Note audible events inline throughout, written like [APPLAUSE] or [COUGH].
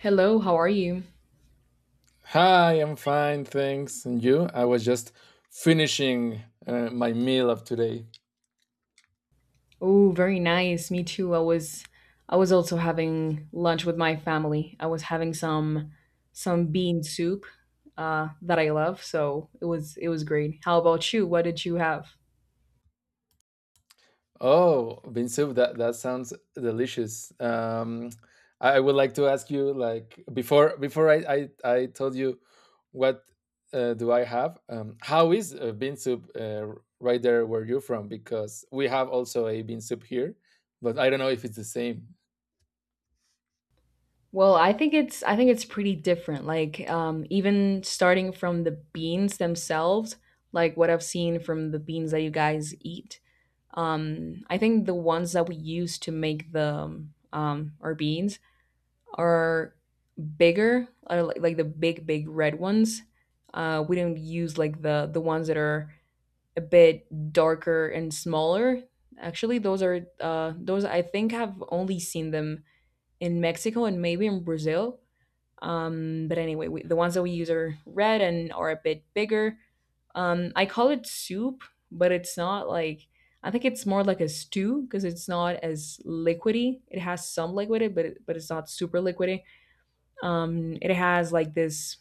Hello, how are you? Hi, I'm fine, thanks. And you? I was just finishing my meal of today. Oh, very nice. Me too. I was also having lunch with my family. I was having some bean soup that I love, so it was great. How about you? What did you have? Oh, bean soup, that sounds delicious. I would like to ask you, like, before I told you what do I have, how is bean soup right there where you're from? Because we have also a bean soup here, but I don't know if it's the same. Well, I think it's pretty different. Like even starting from the beans themselves, like what I've seen from the beans that you guys eat. I think the ones that we use to make the our beans are bigger, like the big, big red ones. We don't use like the ones that are a bit darker and smaller. Actually, those are those I think have only seen them in Mexico and maybe in Brazil. But anyway, we, the ones that we use are red and are a bit bigger. I call it soup, but it's not like I think it's more like a stew because it's not as liquidy. It has some liquidity, but it's not super liquidy it has like this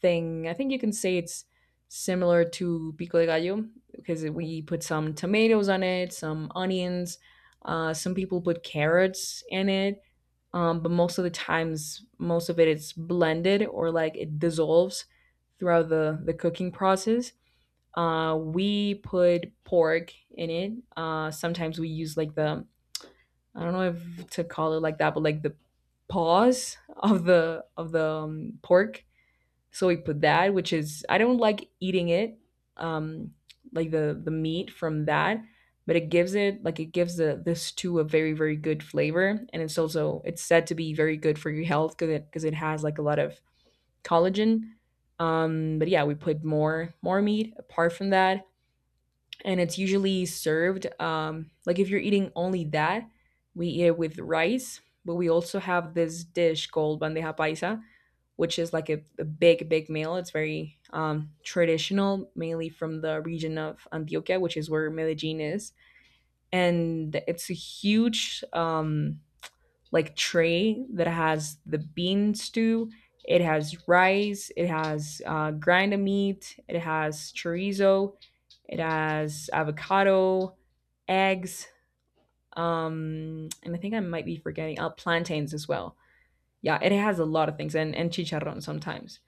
thing. I think you can say it's similar to pico de gallo because we put some tomatoes on it, some onions. Some people put carrots in it, but most of the times, most of it's blended or like it dissolves throughout the cooking process. We put pork in it. Sometimes we use like the I don't know if to call it like that, but like the paws of the pork. So we put that, which is I don't like eating it, um, like the meat from that, but it gives the stew a very very good flavor, and it's also it's said to be very good for your health because it has like a lot of collagen. But yeah, we put more meat apart from that, and it's usually served like if you're eating only that we eat it with rice, but we also have this dish called bandeja paisa, which is like a big big meal. It's very traditional, mainly from the region of Antioquia, which is where Medellin is, and it's a huge like tray that has the bean stew. It has rice, it has grinder meat, it has chorizo, it has avocado, eggs, and I think I might be forgetting plantains as well. Yeah, it has a lot of things, and chicharron sometimes.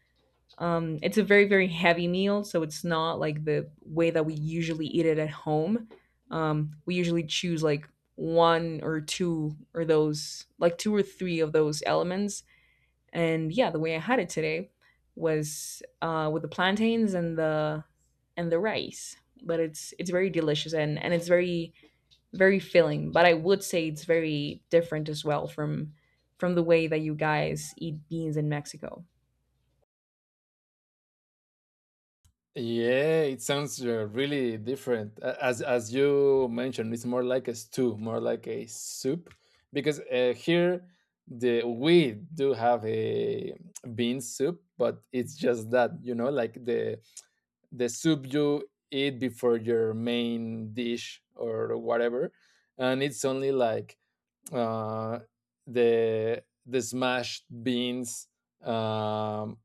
It's a very, very heavy meal, so it's not like the way that we usually eat it at home. We usually choose like one or two or those, like two or three of those elements, and yeah, the way I had it today was with the plantains and the rice. But it's very delicious, and it's very very filling. But I would say it's very different as well from the way that you guys eat beans in Mexico. Yeah, it sounds really different. As as you mentioned, it's more like a stew, more like a soup, because here the we do have a bean soup, but it's just that, you know, like the soup you eat before your main dish or whatever, and it's only like uh, the smashed beans. Um,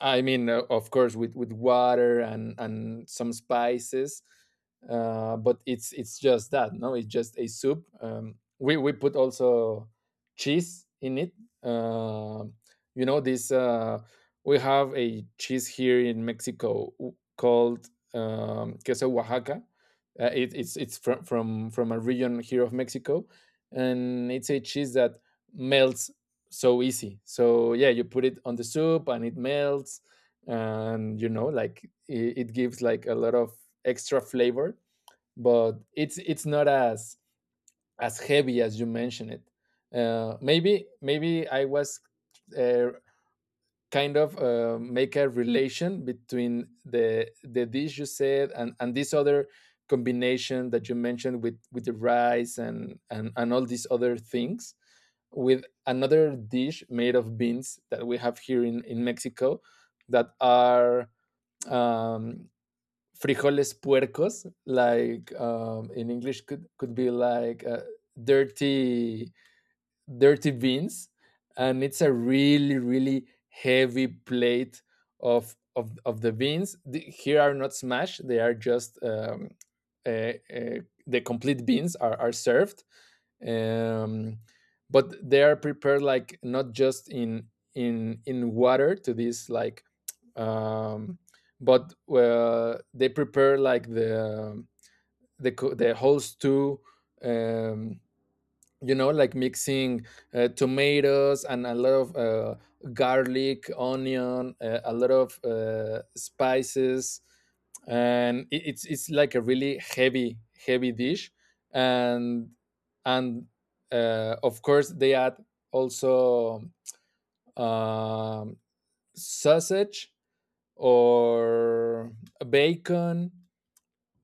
I mean, of course, with water and some spices, but it's just that. No, it's just a soup. We put also cheese in it. Um you know, this we have a cheese here in Mexico called queso Oaxaca. It's from, from a region here of Mexico, and it's a cheese that melts so easy. So yeah, you put it on the soup and it melts, and you know, like it gives like a lot of extra flavor. But it's not as as heavy as you mentioned it. Maybe I was uh, kind of make a relation between the dish you said and this other combination that you mentioned with the rice and and all these other things with another dish made of beans that we have here in Mexico that are um frijoles puercos, like in English could be like dirty dirty beans, and it's a really really heavy plate of the beans. The, here are not smashed; they are just uh, uh, the complete beans are served, um, but they are prepared like not just in water to this like. Um, but they prepare like the whole stew, um, you know, like mixing tomatoes and a lot of garlic, onion, a lot of spices, and it's like a really heavy heavy dish. And and Of course, they add also um, sausage or bacon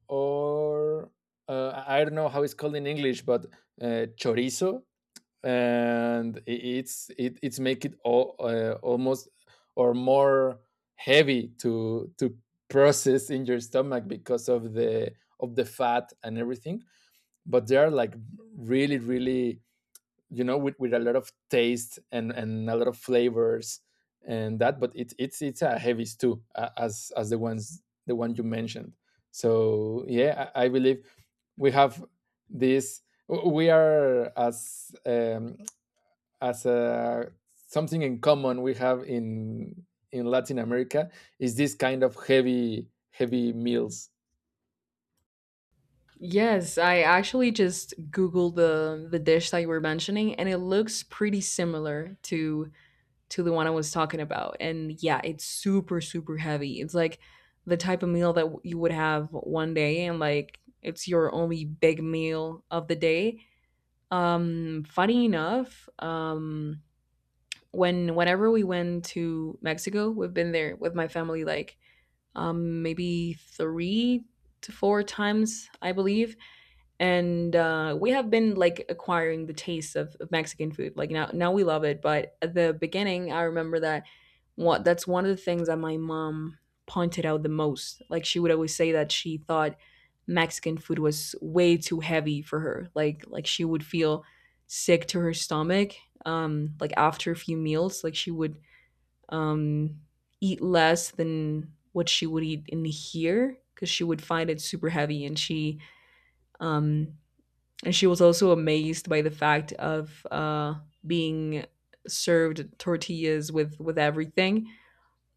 or I don't know how it's called in English, but chorizo, and it's make it all, almost or more heavy to process in your stomach because of the fat and everything, but they are like really really, you know, with a lot of taste and a lot of flavors and that. But it's a heavy stew, as the ones the one you mentioned. So yeah, I believe we have this we are as a something in common we have in Latin America is this kind of heavy heavy meals. Yes, I actually just googled the dish that you were mentioning, and it looks pretty similar to the one I was talking about. And yeah, it's super, super heavy. It's like the type of meal that you would have one day and like it's your only big meal of the day. Funny enough, whenever we went to Mexico, we've been there with my family like maybe 3 to 4 times, I believe, and we have been like acquiring the taste of Mexican food. Like now, now we love it. But at the beginning, I remember that what that's one of the things that my mom pointed out the most. Like she would always say that she thought Mexican food was way too heavy for her. Like she would feel sick to her stomach. Like after a few meals, like she would um eat less than what she would eat in here because she would find it super heavy, um and she was also amazed by the fact of being served tortillas with everything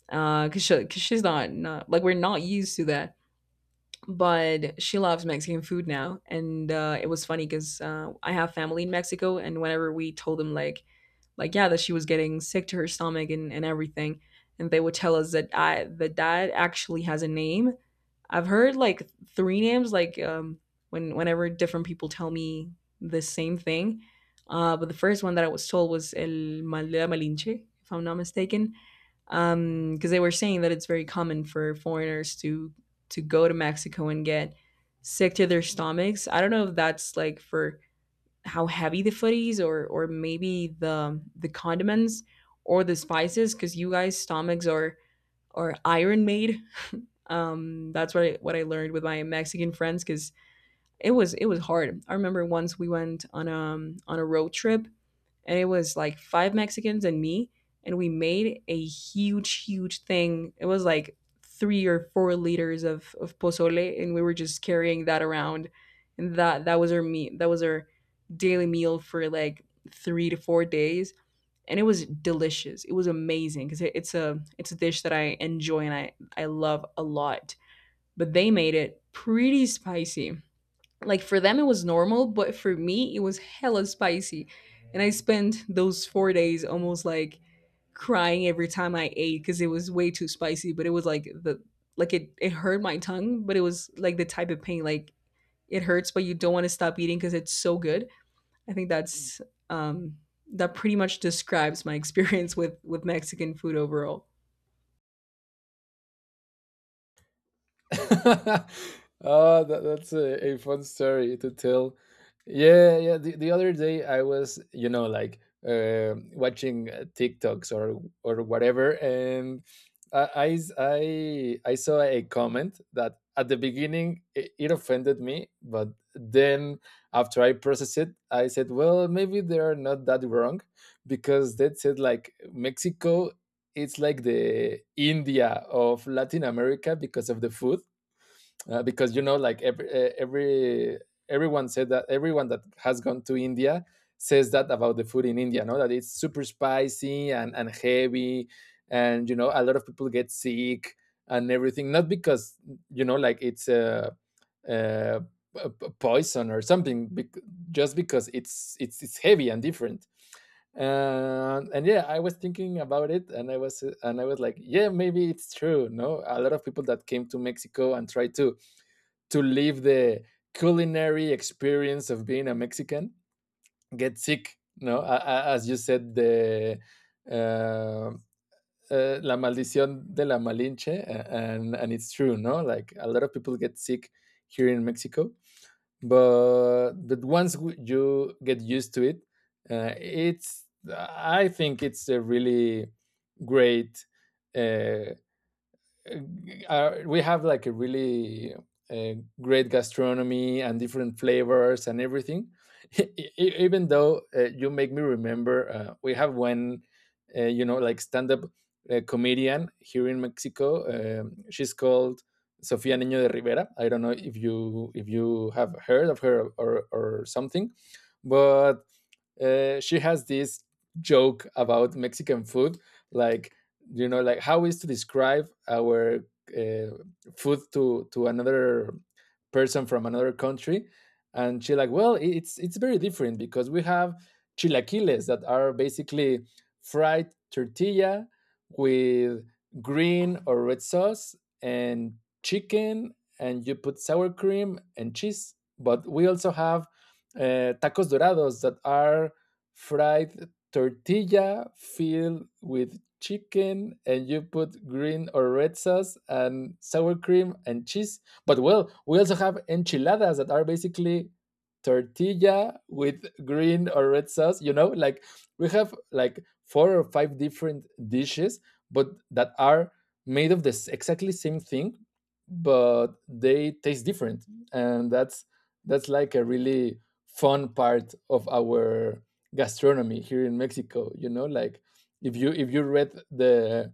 because 'cause she's not, not like we're not used to that, but she loves Mexican food now, and it was funny because I have family in Mexico, and whenever we told them, like, yeah, that she was getting sick to her stomach and everything, and they would tell us that I that that actually has a name. I've heard like 3 names, like whenever different people tell me the same thing, but the first one that I was told was el mal de la malinche, if I'm not mistaken. Um, because they were saying that it's very common for foreigners to go to Mexico and get sick to their stomachs. I don't know if that's like for how heavy the food is, or maybe the condiments or the spices, because you guys stomachs are iron made. Um, that's what I learned with my Mexican friends because it was hard. I remember once we went on a road trip, and it was like 5 Mexicans and me, and we made a huge thing. It was like 3 or 4 liters of pozole, and we were just carrying that around, and that was our meat. That was our daily meal for like 3 to 4 days, and it was delicious. It was amazing cuz it's a dish that I enjoy and I love a lot. But they made it pretty spicy. Like for them it was normal, but for me it was hella spicy, and I spent those 4 days almost like crying every time I ate because it was way too spicy. But it was like the like it hurt my tongue, but it was like the type of pain, like it hurts but you don't want to stop eating because it's so good. I think that's um that pretty much describes my [LAUGHS] experience with Mexican food overall. [LAUGHS] Oh, that's a fun story to tell. Yeah, yeah. The other day I was, you know, like watching TikToks or whatever, and I saw a comment that at the beginning it offended me, but then after I processed it, I said, well, maybe they are not that wrong, because that said like, Mexico, it's like the India of Latin America because of the food, because, you know, like every everyone said that everyone that has gone to India says that about the food in India. No, that it's super spicy and heavy, and you know, a lot of people get sick and everything, not because, you know, like it's a, uh uh, poison or something, just because it's heavy and different. And Yeah, I was thinking about it and I was like, yeah, maybe it's true. No, a lot of people that came to Mexico and tried to live the culinary experience of being a Mexican get sick. No, as you said, the uh, la maldición de la Malinche, and it's true. No, like a lot of people get sick here in Mexico, but once you get used to it, it's I think it's a really great uh, we have like a really uh, great gastronomy and different flavors and everything. [LAUGHS] Even though you make me remember, we have one, you know, like, stand-up comedian here in Mexico. She's called Sofia Niño de Rivera. I don't know if you have heard of her or something, but she has this joke about Mexican food, like, you know, like how is to describe our uh, food to another person from another country, and she like, well, it's very different because we have chilaquiles that are basically fried tortilla with green or red sauce and chicken, and you put sour cream and cheese. But we also have tacos dorados that are fried tortilla filled with chicken, and you put green or red sauce and sour cream and cheese. But well, we also have enchiladas that are basically tortilla with green or red sauce. You know, like we have like four or five different dishes, but that are made of this exactly same thing, but they taste different. And that's like a really fun part of our gastronomy here in Mexico. You know, like if you read the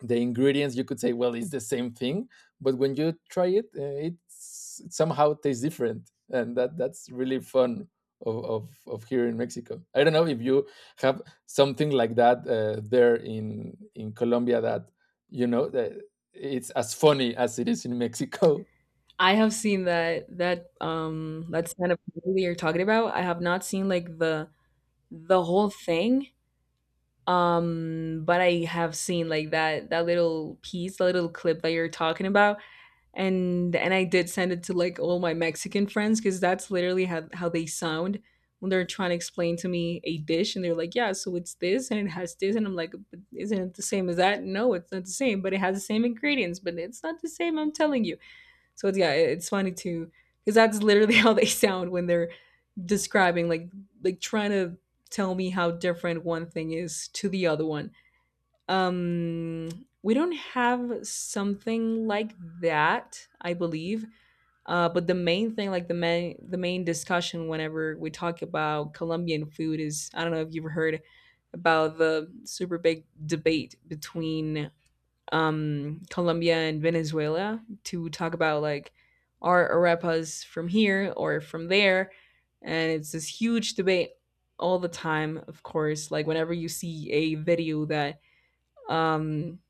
the ingredients, you could say, well, it's the same thing. But when you try it, it's, it somehow tastes different, and that's really fun of, of here in Mexico. I don't know if you have something like that there in Colombia that, you know, that it's as funny as it is in Mexico. [LAUGHS] I have seen that stand up that you're talking about. I have not seen like the whole thing, but I have seen like that little piece, the little clip that you're talking about, and I did send it to like all my Mexican friends because that's literally how they sound when they're trying to explain to me a dish, and they're like, yeah, so it's this and it has this, and I'm like, but isn't it the same as that? No, it's not the same, but it has the same ingredients, but it's not the same, I'm telling you. So it's, yeah, it's funny to because that's literally [LAUGHS] how they sound when they're describing like trying to tell me how different one thing is to the other one. Um, we don't have something like that, I believe. But the main thing, like the main discussion, whenever we talk about Colombian food, is I don't know if you've heard about the super big debate between Colombia and Venezuela to talk about like are arepas from here or from there, and it's this huge debate all the time. Of course, like whenever you see a video that um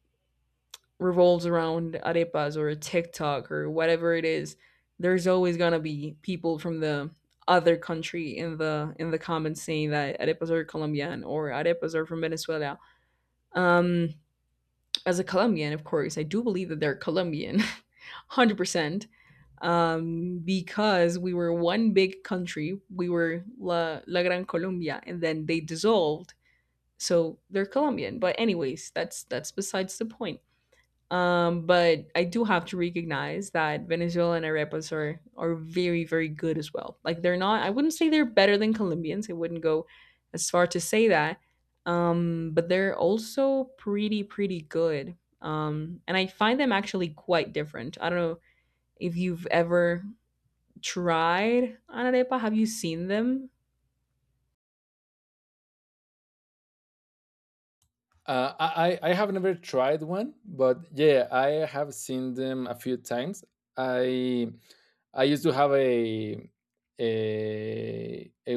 revolves around arepas or TikTok or whatever it is, there's always gonna be people from the other country in the comments saying that arepas are Colombian or arepas are from Venezuela. Um, as a Colombian, of course, I do believe that they're Colombian, [LAUGHS] 100%. Because we were one big country, we were La Gran Colombia, and then they dissolved, so they're Colombian. But anyways, that's besides the point. But I do have to recognize that Venezuelan arepas are very, very good as well. Like they're not, I wouldn't say they're better than Colombians. I wouldn't go as far to say that. But they're also pretty, pretty good. And I find them actually quite different. I don't know if you've ever tried an arepa. Have you seen them? I have never tried one, but yeah, I have seen them a few times. I I used to have a a,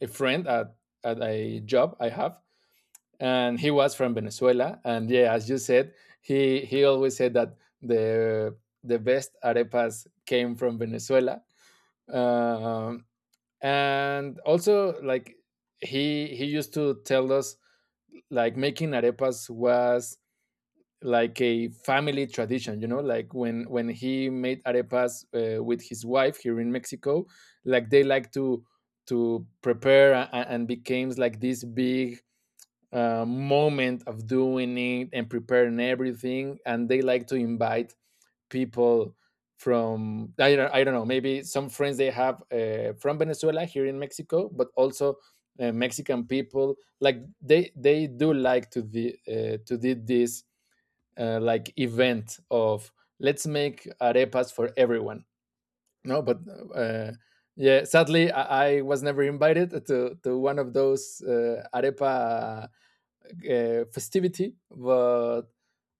a friend at a job I have, and he was from Venezuela. And yeah, as you said, he always said that the the best arepas came from Venezuela. Um, and also like he used to tell us like making arepas was like a family tradition, you know, like when he made arepas with his wife here in Mexico, like they like to prepare, and becomes like this big moment of doing it and preparing everything, and they like to invite people from, I don't know, maybe some friends they have from Venezuela here in Mexico, but also Mexican people, like they do like to the to did this like event of, let's make arepas for everyone. No, but uh, yeah, sadly I was never invited to one of those arepa festivity. but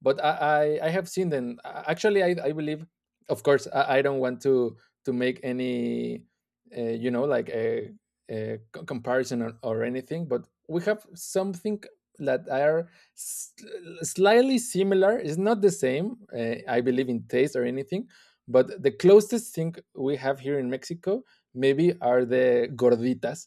but I have seen them. Actually, I believe, of course, I don't want to make any you know, like a, comparison or anything, but we have something that are s- slightly similar. It's not the same. I believe in taste or anything, but the closest thing we have here in Mexico maybe are the gorditas,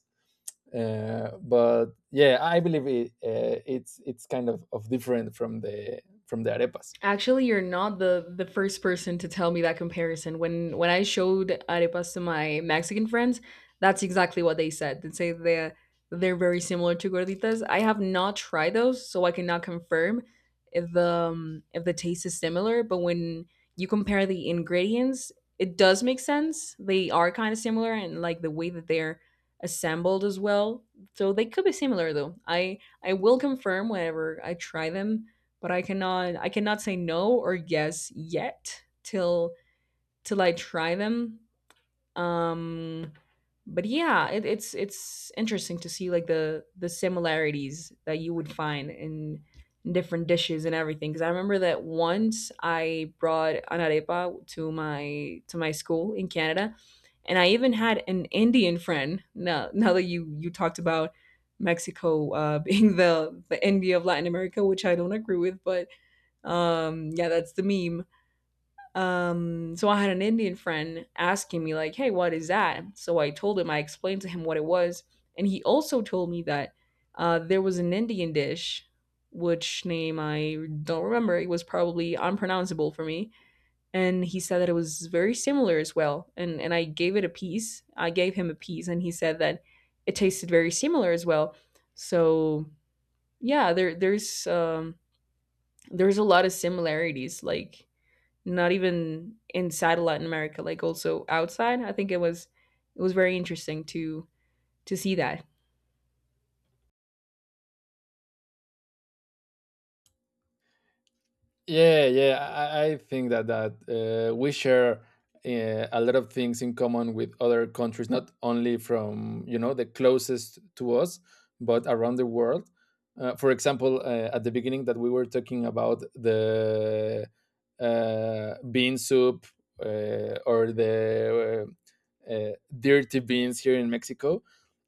but yeah, I believe it, it's kind of different from the arepas. Actually, you're not the first person to tell me that comparison. When I showed arepas to my Mexican friends, that's exactly what they said. They say they're very similar to gorditas. I have not tried those, so I cannot confirm if the if the taste is similar. But when you compare the ingredients, it does make sense. They are kind of similar, and like the way that they're assembled as well. So they could be similar, though. I will confirm whenever I try them, but I cannot say no or yes yet till till I try them. Um but yeah, it's interesting to see like the similarities that you would find in different dishes and everything. Because I remember that once I brought an arepa to my school in Canada, and I even had an Indian friend. Now that you talked about Mexico [LAUGHS] being the India of Latin America, which I don't agree with, but yeah, that's the meme. So I had an Indian friend asking me, like, hey, what is that? So I told him, I explained to him what it was. And he also told me that there was an Indian dish, which name I don't remember. It was probably unpronounceable for me. And he said that it was very similar as well. And I gave it a piece. I gave him a piece, and he said that it tasted very similar as well. So yeah, there's a lot of similarities. Like not even inside of Latin America, like also outside. I think it was very interesting to see that. Yeah, yeah. I think that we share a lot of things in common with other countries, not only from, you know, the closest to us, but around the world. For example, at the beginning that we were talking about the bean soup or the uh, dirty beans here in Mexico.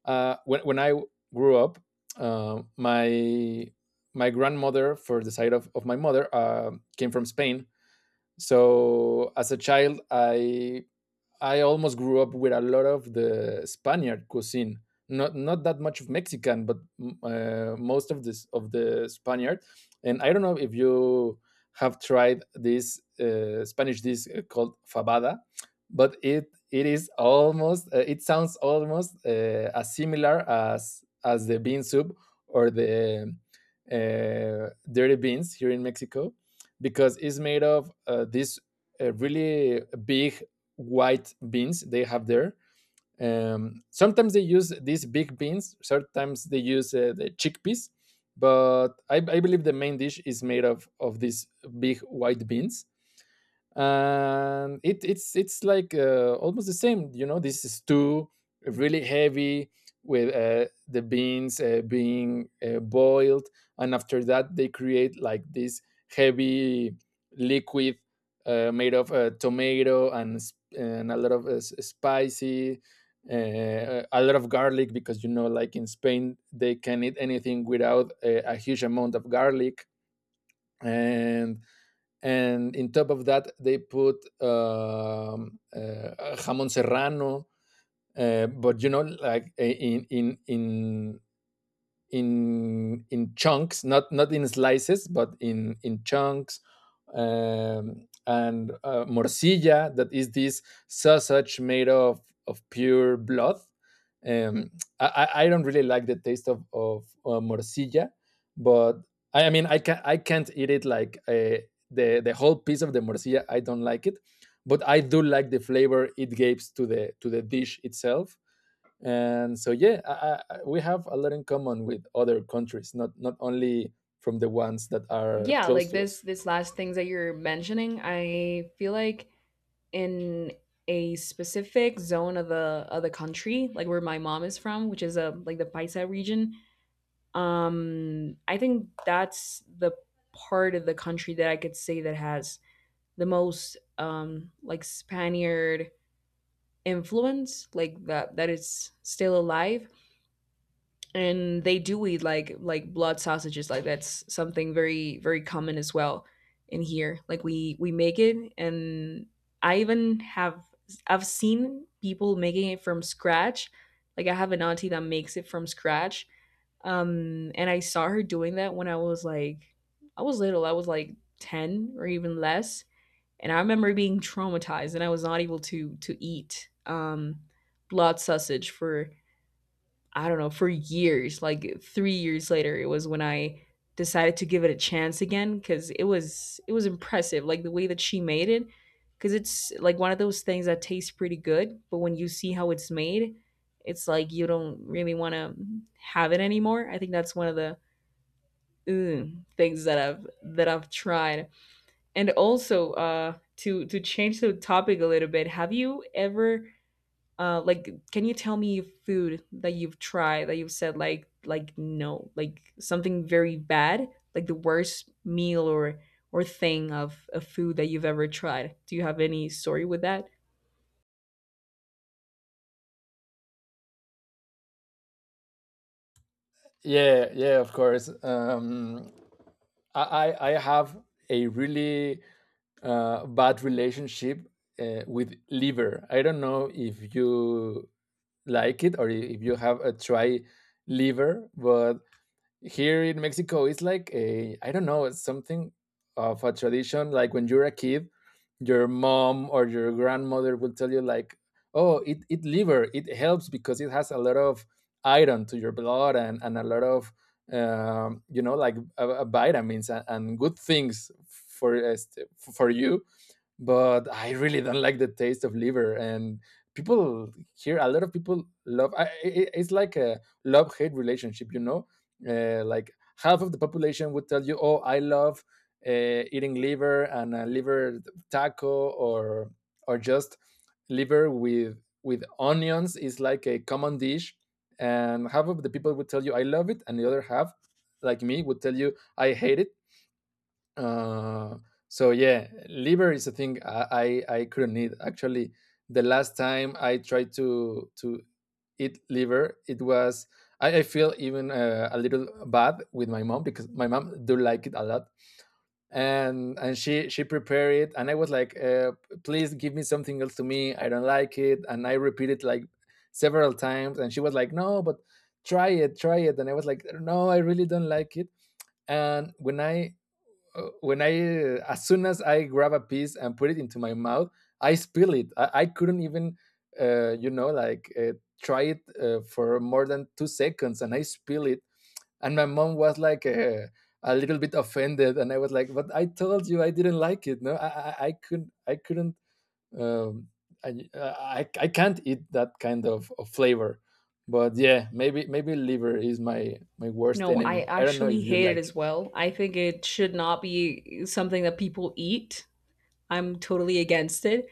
When I grew up, uh, my my grandmother, for the side of my mother, came from Spain. So as a child, I almost grew up with a lot of the Spaniard cuisine. Not that much of Mexican, but most of this of the Spaniard. And I don't know if you have tried this Spanish dish called fabada, but it is almost it sounds almost as similar as the bean soup or the dirty beans here in Mexico, because it's made of this really big white beans they have there. Sometimes they use these big beans. Sometimes they use the chickpeas. But I believe the main dish is made of these big white beans, and it's like almost the same, this stew, really heavy, with the beans being boiled, and after that they create like this heavy liquid, made of tomato and a lot of spicy, a lot of garlic, because you know, like in spain they can eat anything without a huge amount of garlic. And and in top of that they put jamon serrano, but you know, like in chunks, not in slices, but in chunks. And morcilla, that is this sausage made of pure blood. Um, I don't really like the taste of morcilla, but I mean, I can, I can't eat it like the whole piece of the morcilla. I don't like it, but I do like the flavor it gives to the dish itself. And so yeah, we have a lot in common with other countries, not only from the ones that are Yeah, close like to this us. last things that you're mentioning, I feel like in a specific zone of the country, like where my mom is from, which is a like the Paisa region. I think that's the part of the country that I could say that has the most like Spaniard influence, like that is still alive. And they do eat like blood sausages. Like that's something very, very common as well in here. Like we make it, and I even have, I've seen people making it from scratch. Like I have an auntie that makes it from scratch. And I saw her doing that when I was little. I was like 10 or even less, and I remember being traumatized, and I was not able to eat blood sausage for, I don't know, for years, like 3 years later. It was when I decided to give it a chance again, cuz it was impressive like the way that she made it, cuz it's like one of those things that tastes pretty good, but when you see how it's made, it's like you don't really want to have it anymore. I think that's one of the things that I've tried. And also, to change the topic a little bit, have you ever like can you tell me food that you've tried that you've said like no, like something very bad, like the worst meal or thing of a food that you've ever tried? Do you have any story with that? Yeah, yeah, of course. I I have a really bad relationship with liver. I don't know if you like it, or if you have a try liver, but here in Mexico, it's like a, I don't know, it's something of a tradition. Like when you're a kid, your mom or your grandmother will tell you like, "Oh, it liver, it helps because it has a lot of iron to your blood, and a lot of you know, like vitamins and good things for you." But I really don't like the taste of liver. And people here, a lot of people love. I, it, it's like a love hate relationship, you know. Like half of the population would tell you, "Oh, I love uh, eating liver, and a liver taco, or just liver with onions is like a common dish." And half of the people would tell you, "I love it," and the other half, like me, would tell you, "I hate it." Uh, so yeah, liver is a thing I, I couldn't eat. Actually, the last time I tried to eat liver, it was, I feel even a little bad with my mom, because my mom do like it a lot, and she prepared it, and I was like, please give me something else to me. I don't like it. And I repeated like several times, and she was like, no, but try it, and I was like, no, I really don't like it. And when I uh, when I as soon as I grab a piece and put it into my mouth, I spill it. I couldn't even, you know, like try it for more than 2 seconds, and I spill it. And my mom was like a little bit offended, and I was like, "But I told you I didn't like it. No, I couldn't. I couldn't. Um, I can't eat that kind of flavor." But yeah, maybe maybe liver is my my worst No, I enemy. I don't know actually if you hate it like as it. well. I think it should not be something that people eat. I'm totally against it.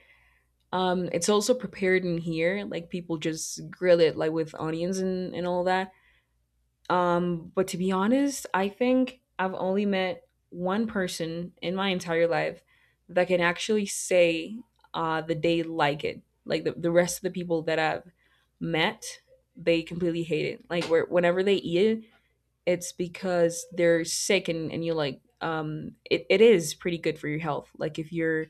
It's also prepared in here. Like people just grill it like with onions and all that. But to be honest, I think I've only met one person in my entire life that can actually say the day like it. Like the rest of the people that I've met, they completely hate it. Like whenever they eat it, it's because they're sick and you like it, it is pretty good for your health. Like if you're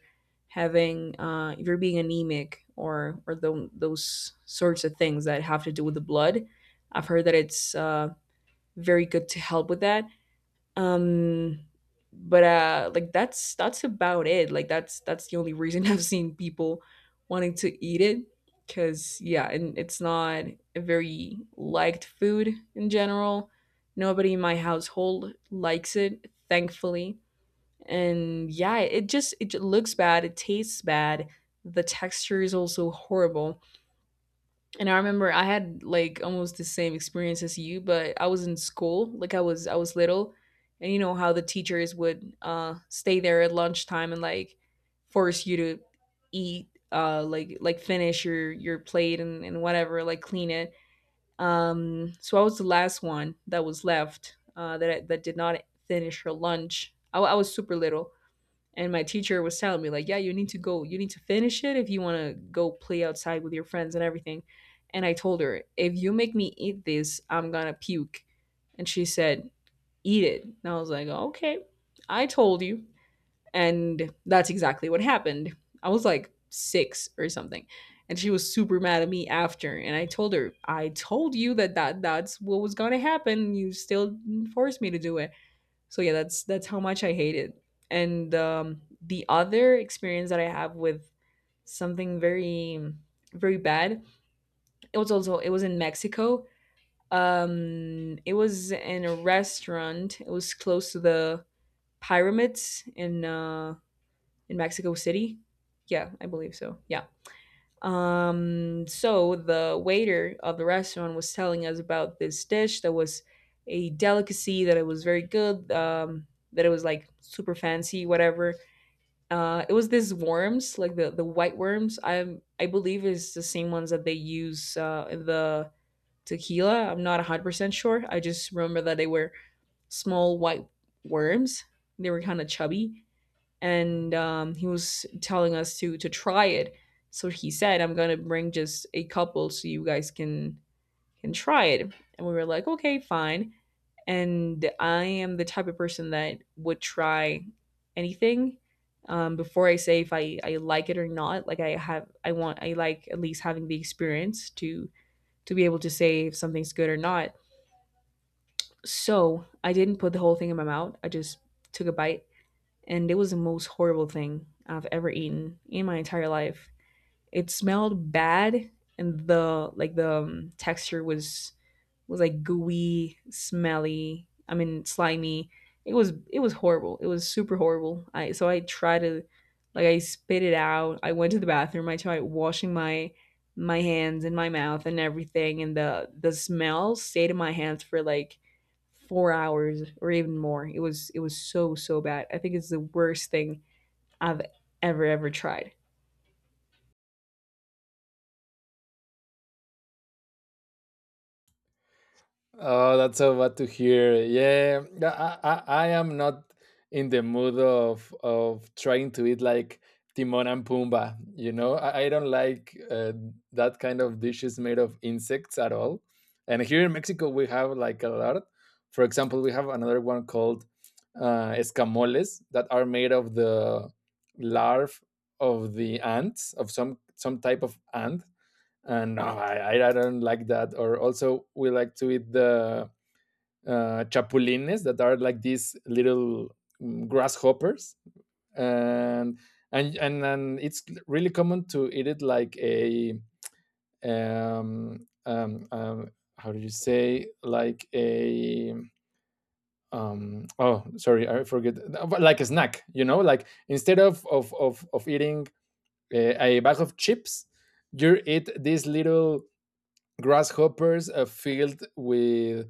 having if you're being anemic or those sorts of things that have to do with the blood, I've heard that it's very good to help with that. Um, but like that's about it. Like that's the only reason [LAUGHS] I've seen people wanting to eat it, because yeah, and it's not a very liked food in general. Nobody in my household likes it, thankfully. And yeah, it just looks bad. It tastes bad. The texture is also horrible. And I remember I had like almost the same experience as you, but I was in school, like I was little, and you know how the teachers would stay there at lunchtime and like force you to eat like finish your plate and whatever, like clean it. So I was the last one that was left that did not finish her lunch. I was super little. And my teacher was telling me, like, yeah, you need to go, you need to finish it if you want to go play outside with your friends and everything. And I told her, if you make me eat this, I'm going to puke. And she said, eat it. And I was like, okay, I told you. And that's exactly what happened. I was like six or something. And she was super mad at me after. And I told her, I told you that that's what was going to happen. You still forced me to do it. So yeah, that's how much I hate it. And the other experience that I have with something very very bad, it was also it was in Mexico. It was in a restaurant. It was close to the pyramids in Mexico City. Yeah, I believe so. Yeah so the waiter of the restaurant was telling us about this dish that was a delicacy that it was very good. That it was like super fancy, whatever. It was these worms, like the white worms. I believe is the same ones that they use in the tequila. I'm not 100% sure. I just remember that they were small white worms. They were kind of chubby, and he was telling us to try it. So he said, "I'm gonna bring just a couple so you guys can try it." And we were like, "Okay, fine." And I am the type of person that would try anything before I say if I like it or not. Like I have, I want, I like at least having the experience to be able to say if something's good or not. So I didn't put the whole thing in my mouth. I just took a bite, and it was the most horrible thing I've ever eaten in my entire life. It smelled bad, and the like the texture was like gooey, smelly. I mean, slimy. It was horrible. It was super horrible. I so I tried to like I spit it out. I went to the bathroom. I tried washing my my hands and my mouth and everything, and the smell stayed in my hands for like 4 hours or even more. It was so so bad. I think it's the worst thing I've ever ever tried. Oh, that's so bad to hear. Yeah, yeah, I am not in the mood of trying to eat like Timon and Pumbaa. You know, I don't like that kind of dishes made of insects at all. And here in Mexico, we have like a lot. For example, we have another one called escamoles, that are made of the larvae of the ants, of some type of ant. And no, I don't like that. Or also, we like to eat the chapulines, that are like these little grasshoppers, and and it's really common to eat it like a um, um, um, how do you say, like a oh sorry I forget. Like a snack, you know, like instead of of eating a bag of chips, you eat these little grasshoppers filled with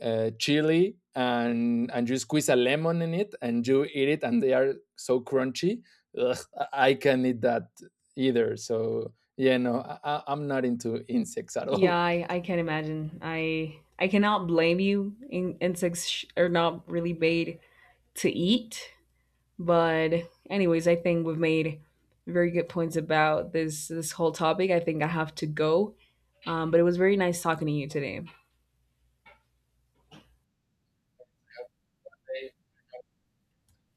chili, and you squeeze a lemon in it and you eat it, and they are so crunchy. Ugh, I can't eat that either. So yeah, no, I i-'m not into insects at Yeah, all. I can imagine. I cannot blame you. Insects are not really made to eat, but anyways, I think we've made very good points about this this whole topic. I think I have to [LAUGHS] go, but it was very nice talking to you today,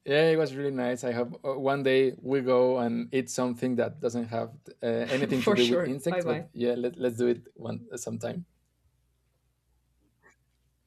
Yeah, it was really nice. I hope one day we go and eat something that doesn't have [LAUGHS] anything to for do with sure. Bye insects. But bye. yeah, let, let's do it one sometime.